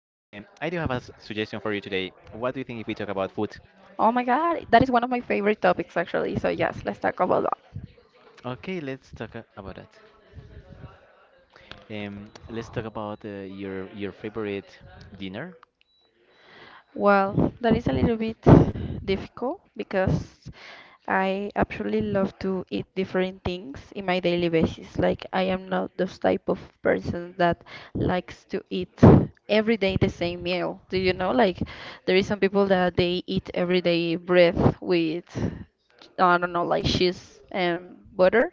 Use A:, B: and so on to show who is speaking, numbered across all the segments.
A: What do you think if we talk about food?
B: Oh my God, that is one of my favorite topics actually. So yes, let's talk about that.
A: Okay, let's talk about that. Let's talk about your favorite dinner.
B: Well, that is a little bit difficult because I absolutely love to eat different things in my daily basis. Like I am not those type of person that likes to eat every day the same meal. Do you know? Like there is some people that they eat every day bread with I don't know, like cheese and butter.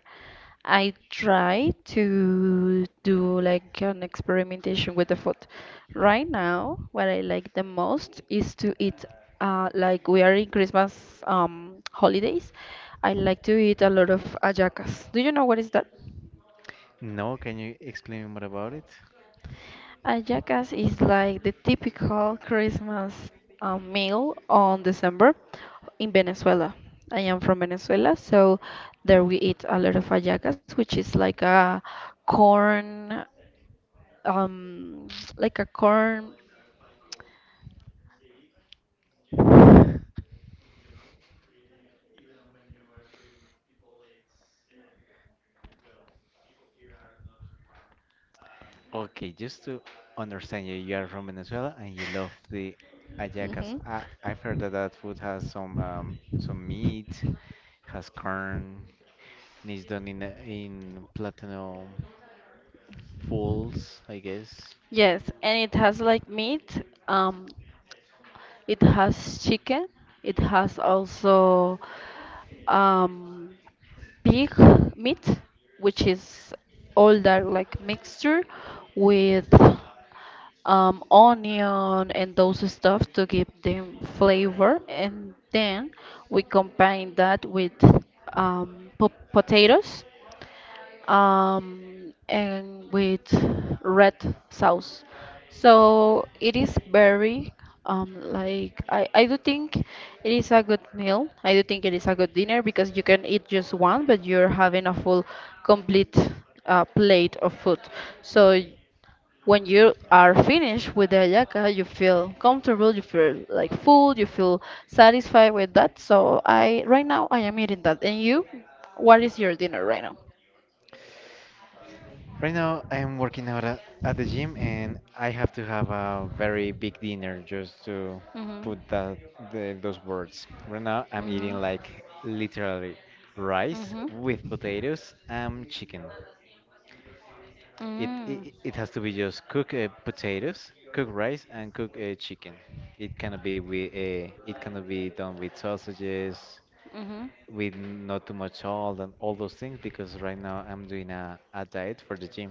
B: I try to do like an experimentation with the food. Right now, what I like the most is to eat like we are in Christmas holidays. I like to eat a lot of hallacas. Do you know what is that?
A: No, can you explain more about it?
B: A jackass is like the typical Christmas meal on December in Venezuela. I am from Venezuela, so there we eat a lot of hallacas, which is like a corn, um, like a corn.
A: Okay, just to understand you, you are from Venezuela and you love the hallacas.
B: Hmm
A: I've heard that that food has some meat, has corn, and it's done in platinum fulls, I guess.
B: Yes, and it has like meat. Um, It has chicken. It has also um, pig meat, which is all that like mixture with onion and those stuff to give them flavor. And then we combine that with po potatoes and with red sauce. So it is very like I do think it is a good meal. I do think it is a good dinner because you can eat just one, but you're having a full, complete plate of food. So when you are finished with the hallaca, you feel comfortable, you feel like full, you feel satisfied with that. So I right now I am eating that. And you, what is your dinner right now?
A: Right now, I'm working out at the gym, and I have to have a very big dinner just to
B: Mm-hmm.
A: put that the, those words. Right now, I'm
B: Mhm.
A: eating like literally rice
B: Mhm.
A: with potatoes and chicken.
B: Mm.
A: It has to be just cook potatoes, cook rice, and cook chicken. It cannot be with it cannot be done with sausages,
B: Mhm.
A: with not too much salt and all those things because right now I'm doing a diet for the gym.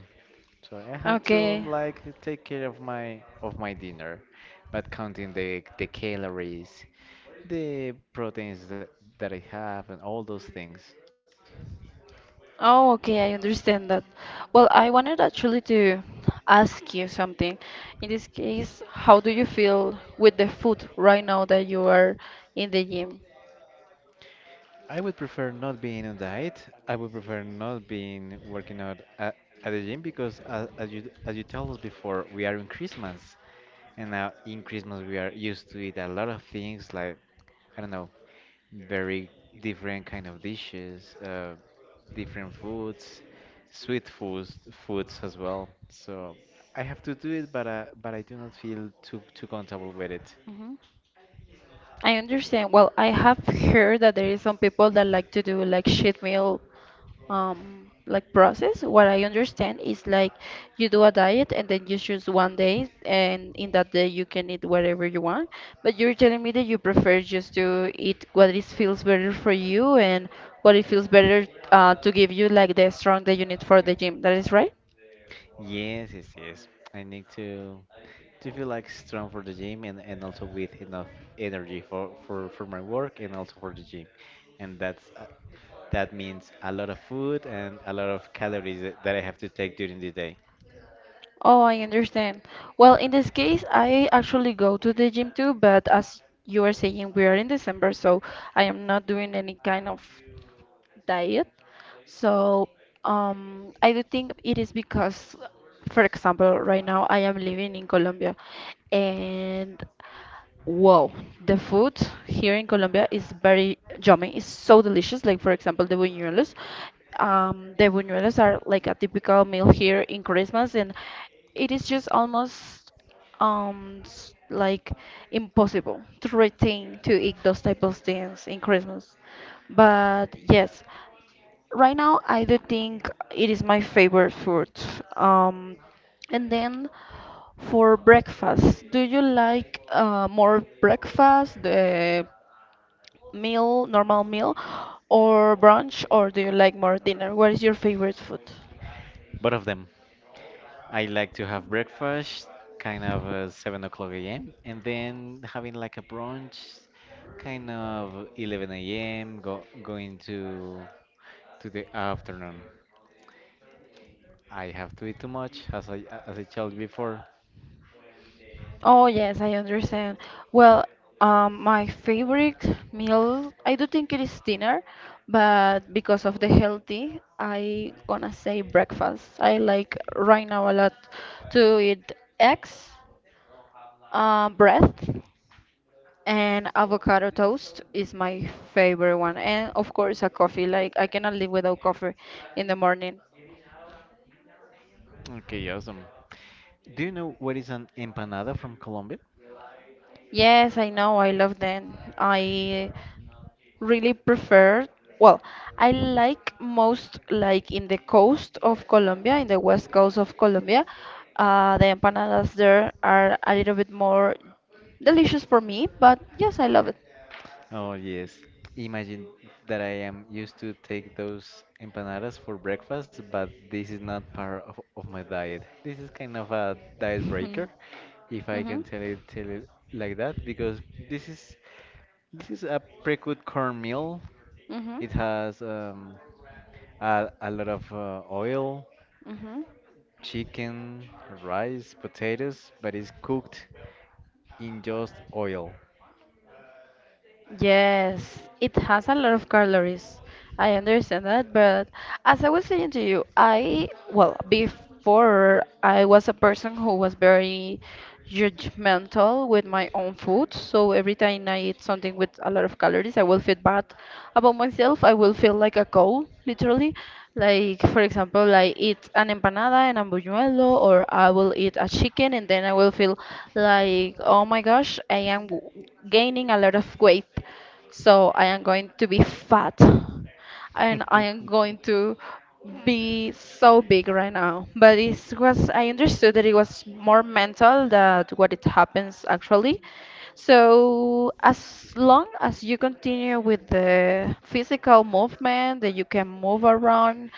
A: So I have to
B: Okay.
A: like take care of my dinner, but counting the calories, the proteins that I have and all those things.
B: Oh, okay, I understand that. Well, I wanted actually to ask you something. In this case, how do you feel with the food right now that you are in the gym?
A: I would prefer not being on diet. I would prefer not being working out at the gym because, as you told us before, we are in Christmas, and now in Christmas we are used to eat a lot of things like I don't know, very different kind of dishes, different foods, sweet foods, foods as well. So I have to do it, but I do not feel too comfortable with it.
B: Mhm. I understand. Well, I have heard that there is some people that like to do like cheat meal like process. What I understand is like you do a diet and then you choose one day, and in that day you can eat whatever you want, but you're telling me that you prefer just to eat what is feels better for you and what it feels better to give you like the strength that you need for the gym. That is right?
A: Yes, yes, yes. I need to feel like strong for the gym and also with enough energy for my work and also for the gym. And that's that means a lot of food and a lot of calories that I have to take during the day.
B: Oh, I understand. Well, in this case, I actually go to the gym too, but as you are saying, we are in December, so I am not doing any kind of diet. So I do think it is because, for example, right now I am living in Colombia and wow, the food here in Colombia is very yummy. It's so delicious. Like for example, the buñuelos. The buñuelos are like a typical meal here in Christmas, and it is just almost like impossible to retain to eat those type of things in Christmas. But yes. Right now, I do think it is my favorite food. Um, and then for breakfast, do you like more breakfast, the meal, normal meal, or brunch, or do you like more dinner? What is your favorite food?
A: Both of them. I like to have breakfast kind of 7 o'clock a.m. and then having like a brunch kind of 11 a.m. Going to the afternoon. I have to eat too much, as I told you before.
B: Oh, yes, I understand. Well, my favorite meal, I do think it is dinner, but because of the healthy, I gonna say breakfast. I like right now a lot to eat eggs, bread, and avocado toast is my favorite one. And of course, a coffee. Like, I cannot live without coffee in the morning.
A: Okay, awesome. Do you know what is an empanada from Colombia?
B: Yes, I know. I love them. I really prefer, well, I like most like in the coast of Colombia, in the west coast of Colombia, the empanadas there are a little bit more delicious for me, but yes, I love it.
A: Oh yes. Imagine that I am used to take those empanadas for breakfast, but this is not part of my diet. This is kind of a diet
B: hmm
A: breaker, if I
B: hmm
A: can tell it like that, because this is this is a pre-cooked corn meal.
B: hmm
A: It has a lot of oil,
B: hmm
A: chicken, rice, potatoes, but it's cooked in just oil.
B: Yes, it has a lot of calories. I understand that, but as I was saying to you, I, well, before I was a person who was very judgmental with my own food. So every time I eat something with a lot of calories, I will feel bad about myself. I will feel like a cow, literally. Like, for example, I eat an empanada and a buñuelo, or I will eat a chicken, and then I will feel like, oh my gosh, I am gaining a lot of weight. So I am going to be fat and I am going to be so big right now. But it was I understood that it was more mental than what it happens actually. So as long as you continue with the physical movement that you can move around,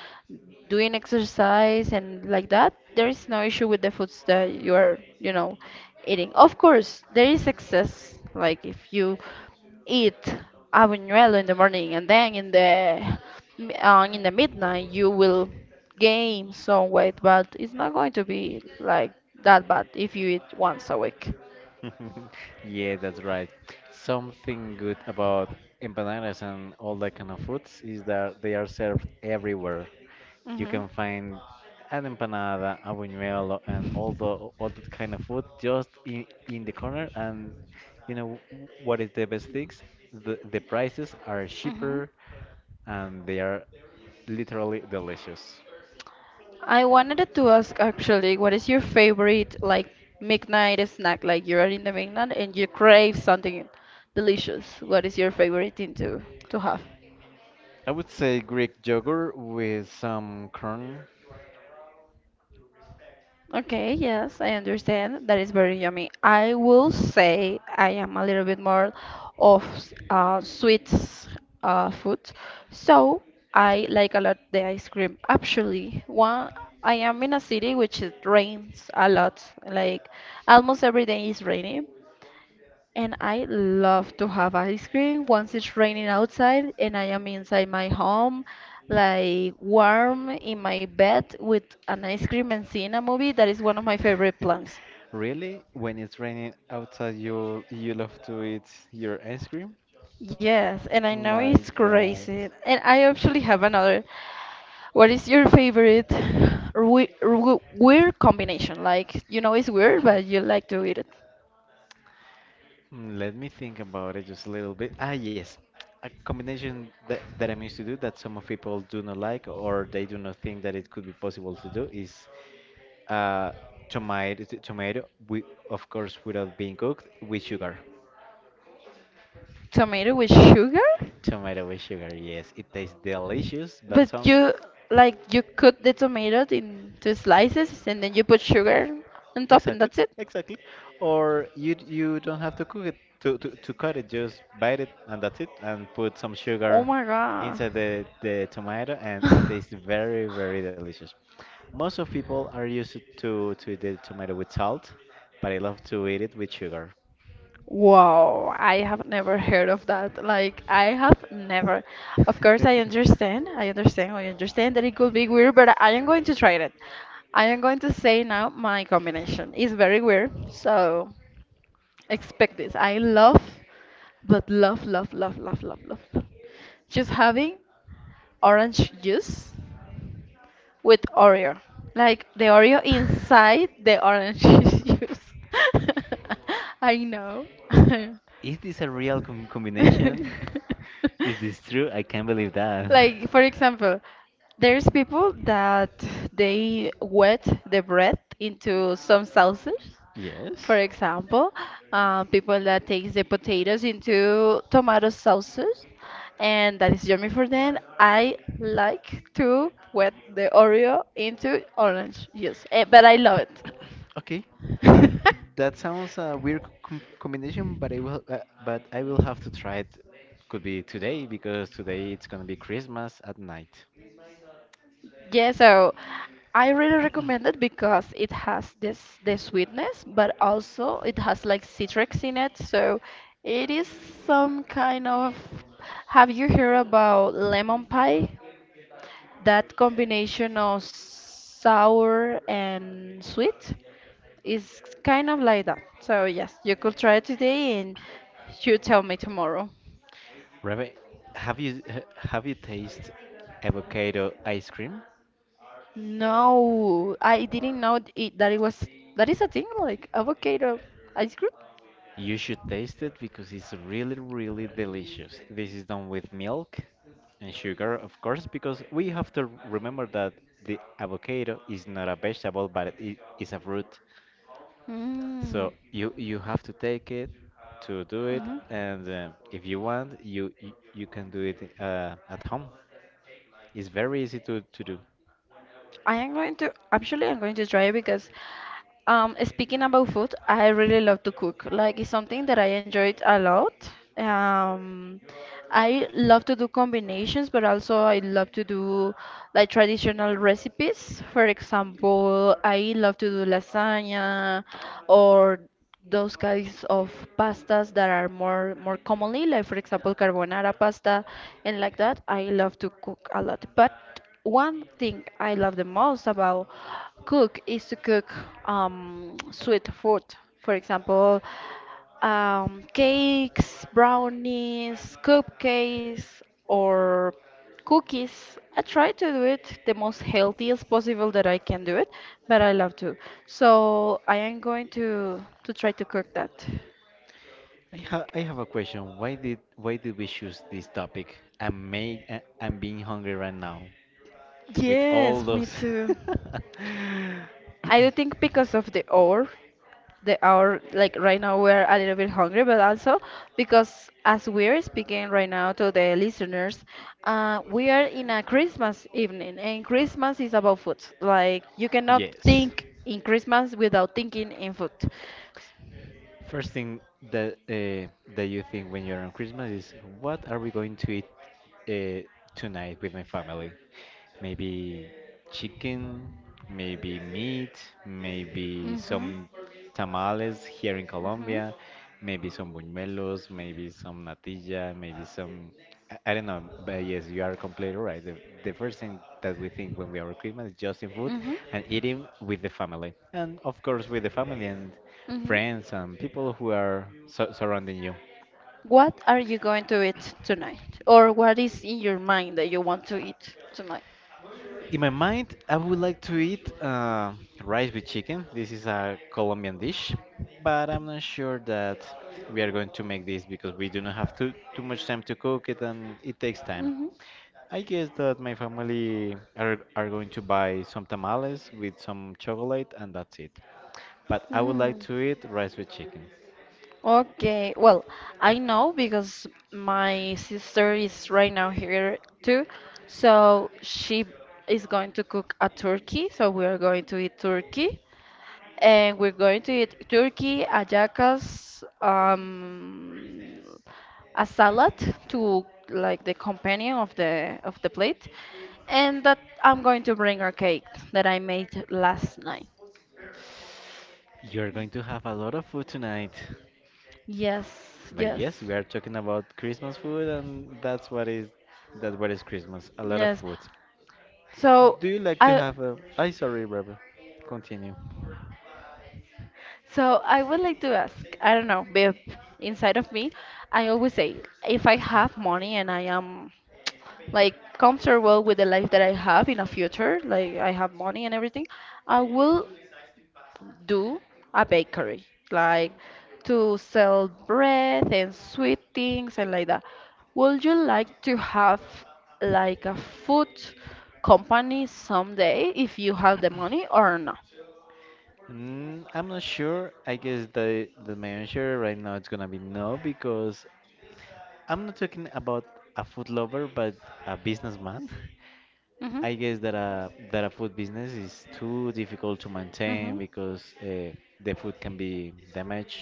B: doing exercise and like that, there is no issue with the foods that you are, you know, eating. Of course, there is excess. Like if you eat habanero in the morning and then in the in the midnight you will gain some weight, but it's not going to be like that bad if you eat once a week.
A: Yeah, that's right. Something good about empanadas and all that kind of foods is that they are served everywhere. You
B: Mhm.
A: can find an empanada, a buñuelo, and all that kind of food just in the corner. And you know what is the best things? The prices are
B: Mhm.
A: cheaper and they are literally delicious.
B: I wanted to ask actually, what is your favorite like midnight snack? Like you're in the midnight and you crave something delicious. What is your favorite thing to have?
A: I would say Greek yogurt with some corn.
B: Okay, yes, I understand. That is very yummy. I will say I am a little bit more of sweets food, so I like a lot the ice cream. Actually, one I am in a city which it rains a lot, like almost every day is raining. And I love to have ice cream once it's raining outside and I am inside my home, like warm in my bed with an ice cream and seeing a movie. That is one of my favorite plans.
A: Really? When it's raining outside, you love to eat your ice cream?
B: Yes, and I know
A: My
B: it's
A: God.
B: crazy. And I actually have another. What is your favorite weird combination? Like, you know it's weird, but you like to eat it.
A: Mm, let me think about it just a little bit. Ah, yes. A combination that I'm used to do that some of people do not like or they do not think that it could be possible to do is uh, tomato with, of course, without being cooked, with sugar.
B: Tomato with sugar?
A: Tomato with sugar, yes. It tastes delicious, but
B: But
A: some
B: you like you cut the tomatoes into slices and then you put sugar on top and
A: exactly,
B: that's it?
A: exactly. Or you don't have to cook it to cut it, just bite it and that's it, and put some
B: Oh
A: sugar
B: my god.
A: inside the tomato and it tastes very delicious. Most of people are used to eat the tomato with salt, but I love to eat it with sugar.
B: Wow, I have never heard of that. Like, I have never. Of course, I understand. I understand. I understand that it could be weird, but I am going to try it. I am going to say now my combination is very weird. So, expect this. I love, but love, love, love, love, love, love. Just having orange juice with Oreo. Like the Oreo inside the orange juice. I know.
A: Is this a real combination? Is this true? I can't believe that.
B: Like, for example, there's people that they wet the bread into some sauces.
A: Yes.
B: For example, people that takes the potatoes into tomato sauces, and that is yummy for them. I like to wet the Oreo into orange juice, eh, but I love
A: Okay.
B: it.
A: That sounds a weird combination, but I will have to try it. Could be today because today it's gonna be Christmas at night.
B: Yeah, so I really recommend it because it has this the sweetness, but also it has like citrus in it, so it is some kind of. Have you heard about lemon pie? That combination of sour and sweet is kind of like that. So yes, you could try it today and you tell me tomorrow.
A: Rebe, have you tasted avocado ice cream?
B: No, I didn't know it, that it was that is a thing like avocado ice cream.
A: You should taste it because it's really, really delicious. This is done with milk and sugar, of course, because we have to remember that the avocado is not a vegetable, but it is a fruit.
B: Mm.
A: So you have to take it to do it,
B: Mm-hmm.
A: and if you want, you can do it at home. It's very easy to do.
B: I am going to actually I'm going to try because speaking about food, I really love to cook. Like it's something that I enjoyed a lot. Um I love to do combinations, but also I love to do like traditional recipes. For example, I love to do lasagna or those kinds of pastas that are more commonly like for example carbonara pasta and like that. I love to cook a lot, but one thing I love the most about cook is to cook sweet food. For example, cakes, brownies, cupcakes, or cookies. I try to do it the most healthiest possible that I can do it, but I love to. So I am going to try to cook that.
A: I have a question. Why did we choose this topic? I'm made, I'm being hungry right now with all
B: Yes, me
A: those.
B: too. I do think because of the hour, like right now we're a little bit hungry, but also because as we're speaking right now to the listeners, we are in a Christmas evening, and Christmas is about food. Like you cannot
A: Yes.
B: think in Christmas without thinking in food.
A: First thing that you think when you're on Christmas is what are we going to eat uh, tonight with my family? Maybe chicken, maybe meat, maybe
B: Mm-hmm.
A: some tamales here in
B: Mm-hmm.
A: Colombia, maybe some buñuelos, maybe some natilla, maybe some. I don't know, but yes, you are completely right. The first thing that we think when we are Christmas is just in food
B: Mm-hmm.
A: and eating with the family. And of course, with the family and
B: Mm-hmm.
A: friends and people who are so surrounding you.
B: What are you going to eat tonight? Or what is in your mind that you want to eat tonight?
A: In my mind, I would like to eat rice with chicken. This is a Colombian dish, but I'm not sure that we are going to make this because we do not have too much time to cook it and it takes time. I guess that my family are going to buy some tamales with some chocolate and that's it. But I would like to
B: Mm-hmm.
A: eat rice with chicken.
B: Okay, well, I know because my sister is right now here too. So she is going to cook a turkey. So we are going to eat turkey. And we're going to eat turkey, ayacas, a salad to like the companion of the plate. And that I'm going to bring a cake that I made last night.
A: You're going to have a lot of food tonight.
B: Yes,
A: But
B: yes.
A: yes, we are talking about Christmas food and that's what is that what is Christmas, a lot of
B: Yes.
A: food.
B: So
A: Do you like to
B: I
A: have a? I sorry, Robert. Continue.
B: So I would like to ask, I don't know, babe, inside of me, I always say, if I have money and I am like comfortable with the life that I have in the future, like I have money and everything, I will do a bakery, like to sell bread and sweet things and like that. Would you like to have like a food company someday if you have the money or no?
A: Mm, I'm not sure. I guess the my answer right now it's gonna be no because I'm not talking about a food lover, but a businessman.
B: Mm-hmm.
A: I guess that a food business is too difficult to maintain
B: Mm-hmm.
A: because the food can be damaged,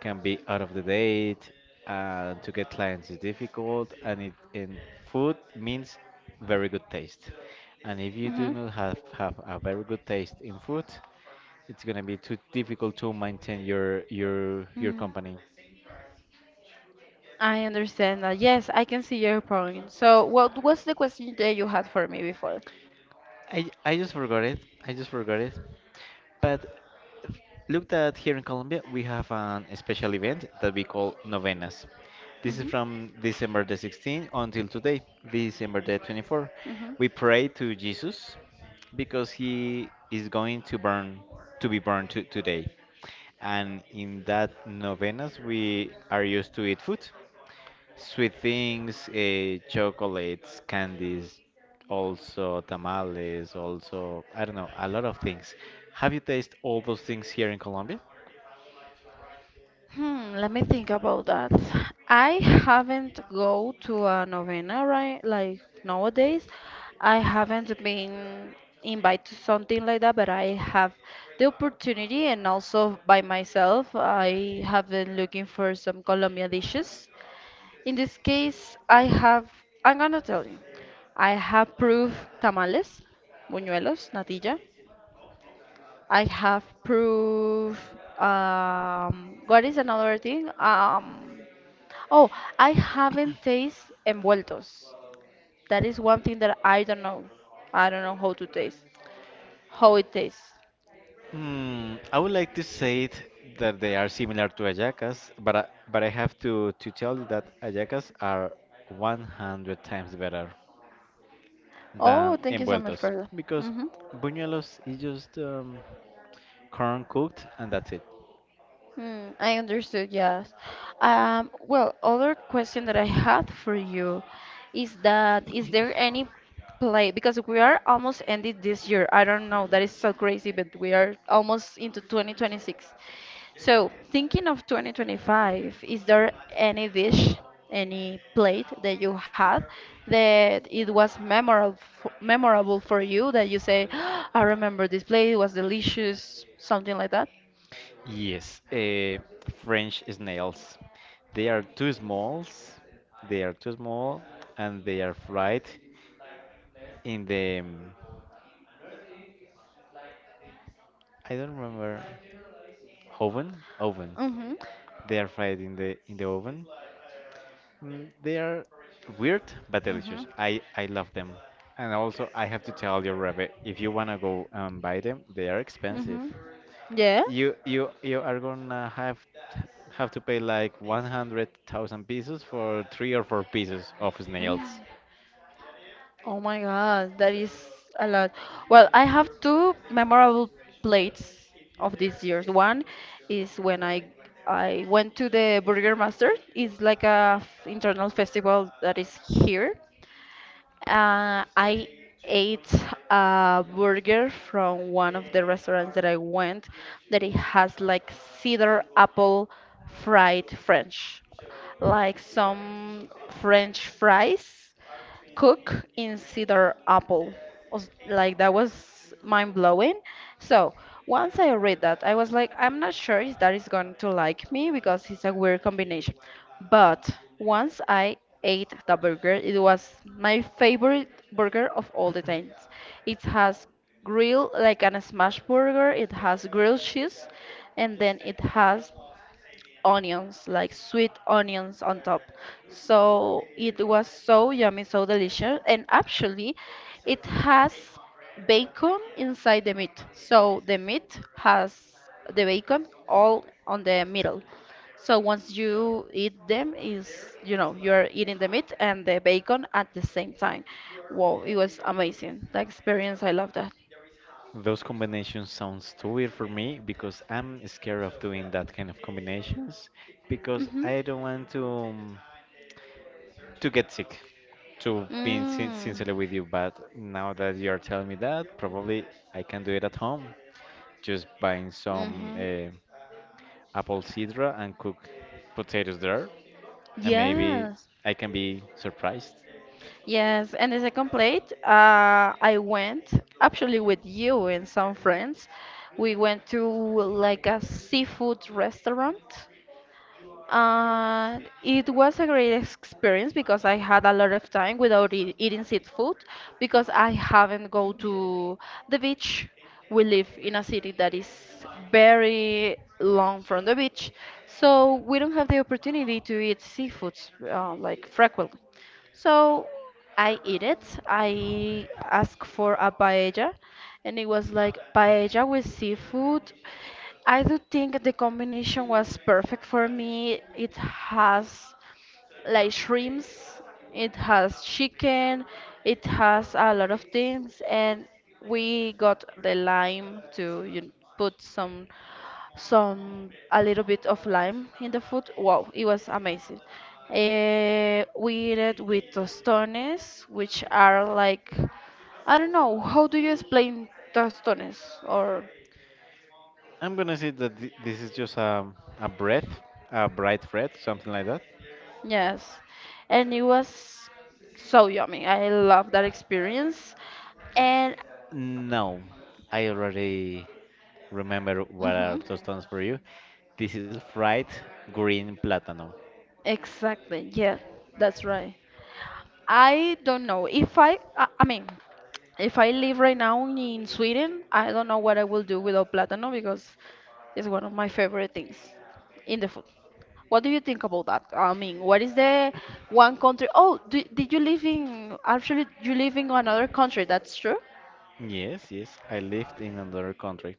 A: can be out of the date. To get clients is difficult, and it in food means very good taste. And if you do
B: Mm-hmm.
A: not have a very good taste in food, it's gonna be too difficult to maintain your your
B: Mm.
A: company.
B: I understand that. Yes, I can see your point. So, what was the question that you had for me before?
A: I just forgot it. I just forgot it. But f- look that here in Colombia we have an special event that we call novenas. This is
B: Hmm.
A: from December the 16th until today, December the 24th.
B: Hmm.
A: We pray to Jesus because he is going to burn to be burned to, today. And in that novenas we are used to eat food. Sweet things, chocolates, candies, also tamales, also, I don't know, a lot of things. Have you tasted all those things here in Colombia?
B: Hmm, let me think about that. I haven't go to a novena, right? Like nowadays, I haven't been invited to something like that, but I have the opportunity and also by myself, I have been looking for some Colombian dishes. In this case, I have, I'm gonna tell you, I have proof tamales, buñuelos, natilla. I have proof, what is another thing? Oh, I haven't tasted envueltos. That is one thing that I don't know. I don't know how to taste, how it tastes.
A: Hmm, I would like to say it that they are similar to hallacas, but but I have to tell you that hallacas are 100 times better
B: Oh,
A: than
B: thank you so much for
A: envueltos
B: that.
A: because
B: Mm-hmm.
A: buñuelos is just corn cooked and that's it.
B: Hmm, I understood, yes. Well, other question that I had for you is that is there any play because we are almost ended this year. I don't know, that is so crazy, but we are almost into 2026. So, thinking of 2025, is there any dish, any plate that you had that it was memorable for you that you say, I remember this plate, it was delicious, something like that?
A: Yes, French snails. They are too small. They are too small, and they are fried in the. I don't remember. Oven? Oven.
B: Mm-hmm.
A: They are fried in the oven. Mm, they are weird but delicious.
B: Mhm.
A: I love them. And also, I have to tell you, Rebe, if you wanna go and buy them, they are expensive.
B: Mhm. Yeah.
A: You are gonna have to pay like 100,000 pesos for three or four pieces of snails.
B: Mm. Oh my God, that is a lot. Well, I have two memorable plates of this year's. One is when I went to the Burger Master. It's like a internal festival that is here. I ate a burger from one of the restaurants that I went that it has like cedar apple fried French, like some French fries cook in cedar apple. Like that was mind blowing. So once I read that, I was like, I'm not sure if that is going to like me because it's a weird combination. But once I ate the burger, it was my favorite burger of all the times. It has grill like an smash burger, it has grilled cheese, and then it has onions, like sweet onions on top. So it was so yummy, so delicious. And actually, it has bacon inside the meat. So the meat has the bacon all on the middle. So once you eat them, is you know you're eating the meat and the bacon at the same time. Wow, it was amazing. The experience, I love that.
A: Those combinations sounds too weird for me because I'm scared of doing that kind of combinations because
B: Mhm.
A: I don't want to get sick. To being
B: Mm.
A: sincerely with you, but now that you're telling me that, probably I can do it at home. Just buying some
B: Mhm.
A: apple cider and cook potatoes there and maybe
B: Yeah.
A: I can be surprised.
B: Yes, and the second plate, I went actually with you and some friends. We went to like a seafood restaurant. And it was a great experience because I had a lot of time without e eating seafood because I haven't go to the beach. We live in a city that is very long from the beach, so we don't have the opportunity to eat seafoods like frequently. So. I eat it. I asked for a paella, and it was like paella with seafood. I do think the combination was perfect for me. It has like shrimps, it has chicken, it has a lot of things, and we got the lime to you know, put some a little bit of lime in the food. Wow, it was amazing. Eh, we ate it with tostones, which are like I don't know how do you explain tostones or
A: I'm gonna say that this is just a breath, a bright red, something like that.
B: yes, and it was so yummy. I love that experience, and
A: No, I already remember what are
B: mhm,
A: those terms for you. This is fried green platano.
B: exactly, yeah, that's right. I don't know. If I, I mean, if I live right now in Sweden, I don't know what I will do without plátano because it's one of my favorite things in the food. What do you think about that? I mean, what is the one country? Oh, did you live in, actually, you live in another country, that's true.
A: Yes, yes, I lived in another country.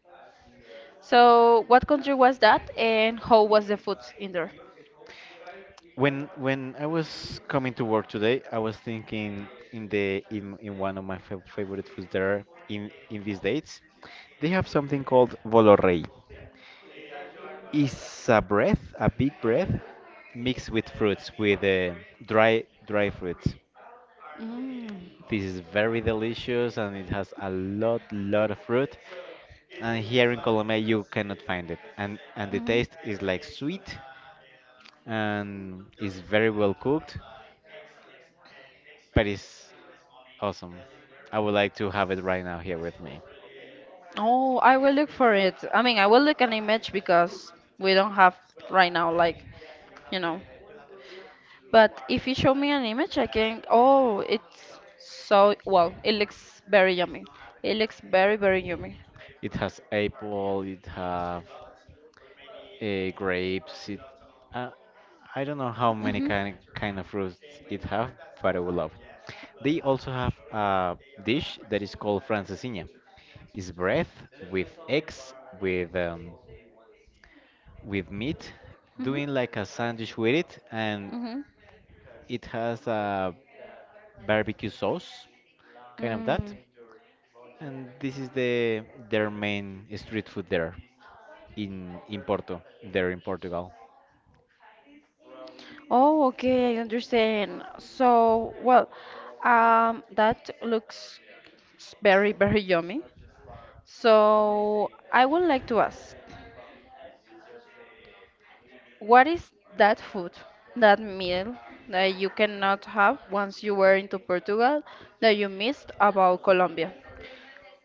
B: So, what country was that and how was the food in there?
A: When I was coming to work today, I was thinking in in one of my favorite foods there in these dates. They have something called Volorei. Is a breath, a big breath, mixed with fruits, with dry fruits.
B: Mm.
A: This is very delicious and it has a lot of fruit. And here in Colombia you cannot find it. And the taste is like sweet and is very well cooked, but it's awesome. I would like to have it right now here with me.
B: Oh, I will look for it. I mean, I will look an image because we don't have right now, like, you know. But if you show me an image, I can. Oh, it's so well. It looks very yummy. It looks very, very yummy.
A: It has apple, it have grapes. It, uh, I don't know how many
B: Mhm.
A: kind of fruits it have, but I would love. They also have a dish that is called francesinha. It's bread with eggs with meat,
B: Mhm.
A: doing like a sandwich with it, and
B: Mhm.
A: it has a barbecue sauce, kind of that.
B: Mm.
A: And this is the their main street food there in Porto, there in Portugal.
B: Oh, okay, I understand. So, well, that looks very, very yummy. So, I would like to ask, what is that food, that meal that you cannot have once you were into Portugal that you missed about Colombia?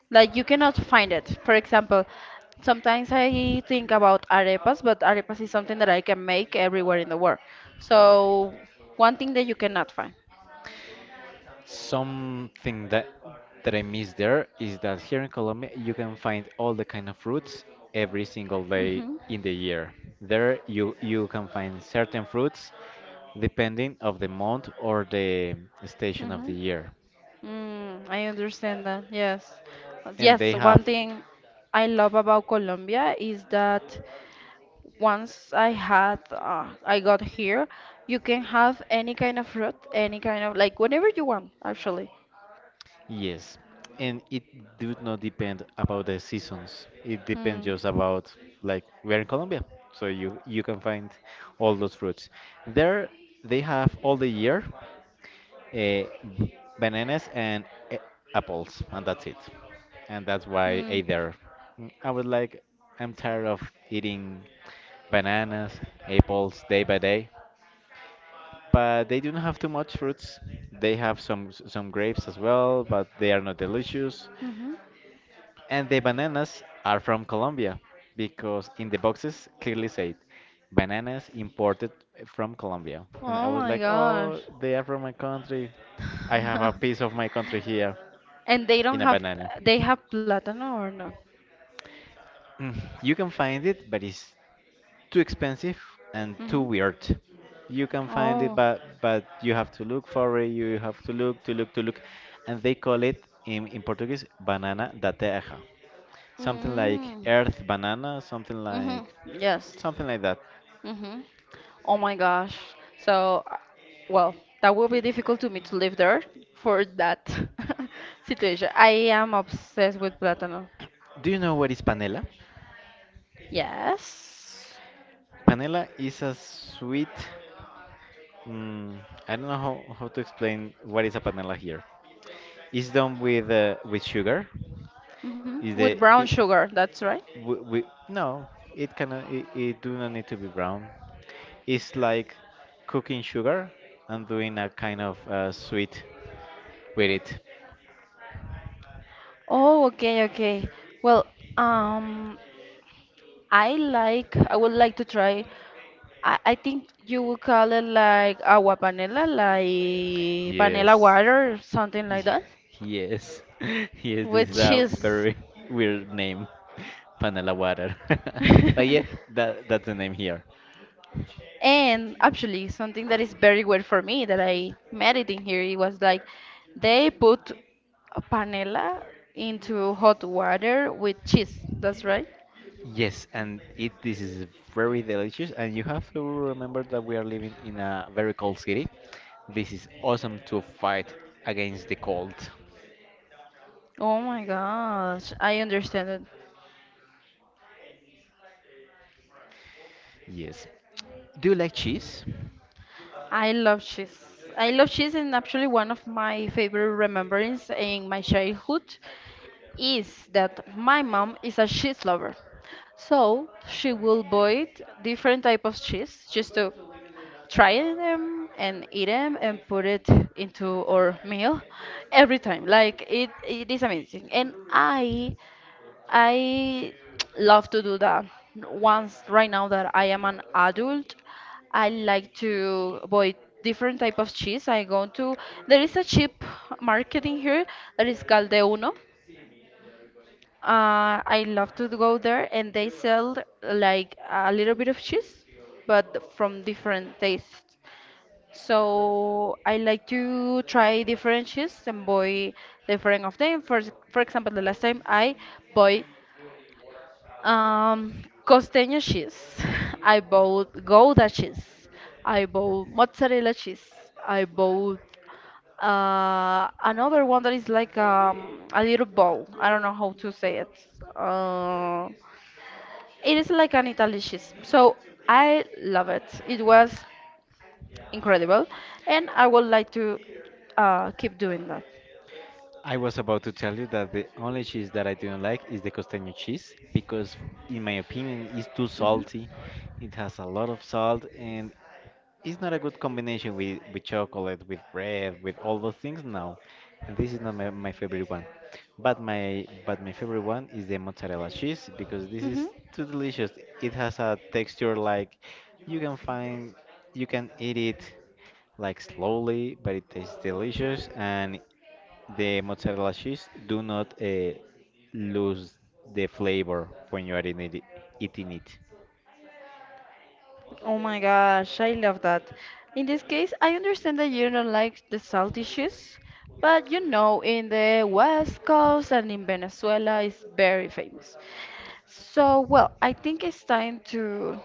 B: Like you cannot find it. For example, sometimes I think about arepas, but arepas is something that I can make everywhere in the world. So one thing that you cannot find.
A: Something that I miss there is that here in Colombia you can find all the kind of fruits every single day
B: Mm-hmm.
A: in the year. There you can find certain fruits depending of the month or the station of the
B: Hmm.
A: year.
B: Mm, I understand that. Yes.
A: And
B: Yes,
A: they have
B: one thing I love about Colombia is that once I had I got here, you can have any kind of fruit, any kind of like whatever you want, actually.
A: yes. And it do not depend about the seasons. It depends
B: Mm.
A: just about like we are in Colombia. So you can find all those fruits. There they have all the year uh, bananas and a- apples, and that's it. And that's why I
B: Mm.
A: ate there. Mm, I was like, I'm tired of eating bananas, apples day by day. But they do not have too much fruits. They have some some grapes as well, but they are not delicious.
B: Hmm.
A: And the bananas are from Colombia because in the boxes clearly said bananas imported from Colombia. And I
B: Oh
A: was
B: my
A: like,
B: gosh.
A: oh, they are from my country. I have a piece of my country here
B: And they don't
A: in a
B: have
A: banana.
B: they have plátano or no?
A: Mm, you can find it, but it's too expensive and too
B: Mm-hmm.
A: weird. You can find it,
B: Oh.
A: but you have to look for it. You have to look, to look, to look, and they call it in, Portuguese banana da terra, something like
B: Mm.
A: earth banana, something
B: Mm-hmm.
A: like
B: Yes.
A: Something like that.
B: Mm-hmm. Oh my gosh. So, well, that will be difficult to me to live there for that situation. I am obsessed with platano.
A: Do you know what is panela?
B: Yes.
A: Panela is a sweet. Mm, I don't know how to explain what is a panela here. It's done with sugar. Is
B: Mm-hmm. With
A: the
B: brown
A: it,
B: sugar, that's right.
A: we, no? It cannot. It do not need to be brown. It's like cooking sugar and doing a kind of sweet with it.
B: Oh, okay, okay. Well, um, I would like to try. I think you would call it like agua panela, like panela
A: Yes.
B: water, something like
A: Y-
B: that,
A: Yes, yes, this
B: with
A: is a
B: cheese.
A: very weird name, Panela Water. But yeah, that's the name here.
B: And actually, something that is very weird for me that I met it in here, it was like they put a panela into hot water with cheese. That's right.
A: Yes, and it this is very delicious, and you have to remember that we are living in a very cold city. This is awesome to fight against the cold.
B: Oh my gosh, I understand it.
A: Yes. Do you like cheese?
B: I love cheese. I love cheese, and actually, one of my favorite remembrance in my childhood is that my mom is a cheese lover. So she will buy different type of cheese just to try them and eat them and put it into our meal every time. It is amazing. I love to do that. Once right now that I am an adult, I like to buy different type of cheese. I go to there is a cheap market in here that is called De Uno. I love to go there, and they sell like a little bit of cheese, but from different tastes. So I like to try different cheese and buy different of them. For for example, the last time I bought um, costeño cheese. I bought Gouda cheese. I bought mozzarella cheese. I bought another one that is like a little ball. I don't know how to say it. Uh, it is like an Italian cheese. So I love it. It was incredible, and I would like to keep doing that.
A: I was about to tell you that the only cheese that I don't like is the costeño cheese because, in my opinion, it's too
B: Hmm.
A: salty. It has a lot of salt and it's not a good combination with, chocolate, with bread, with all those things. No, and this is not my favorite one. But my favorite one is the mozzarella cheese because this
B: Hmm.
A: is too delicious. It has a texture like you can find you can eat it like slowly, but it tastes delicious and the mozzarella cheese do not lose the flavor when you are in it, eating it.
B: Oh my gosh, I love that. In this case, I understand that you don't like the salt dishes, but you know, in the West Coast and in Venezuela, it's very famous. So, well, I think it's time to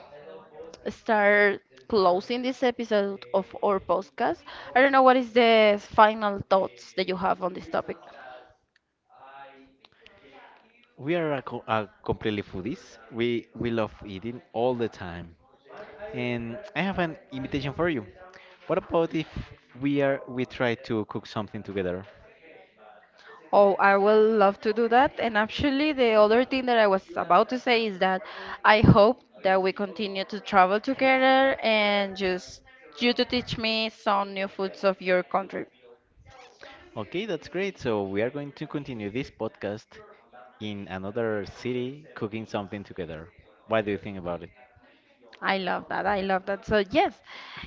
B: start closing this episode of our podcast. I don't know what is the final thoughts that you have on this topic.
A: We are a, a completely foodies. We love eating all the time. And I have an invitation for you. What about if we try to cook something together?
B: Oh, I will love to do that. And actually, the other thing that I was about to say is that I hope that we continue to travel together and just you to teach me some new foods of your country.
A: Okay, that's great. So we are going to continue this podcast in another city cooking something together. What do you think about it?
B: I love that. I love that. So, yes,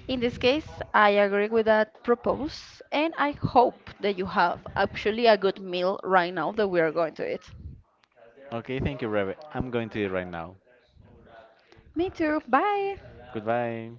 B: in this case, I agree with that propose, and I hope that you have actually a good meal right now that we are going to eat.
A: Okay, thank you, Rabbit. I'm going to eat right now.
B: Me too. Bye.
A: Goodbye.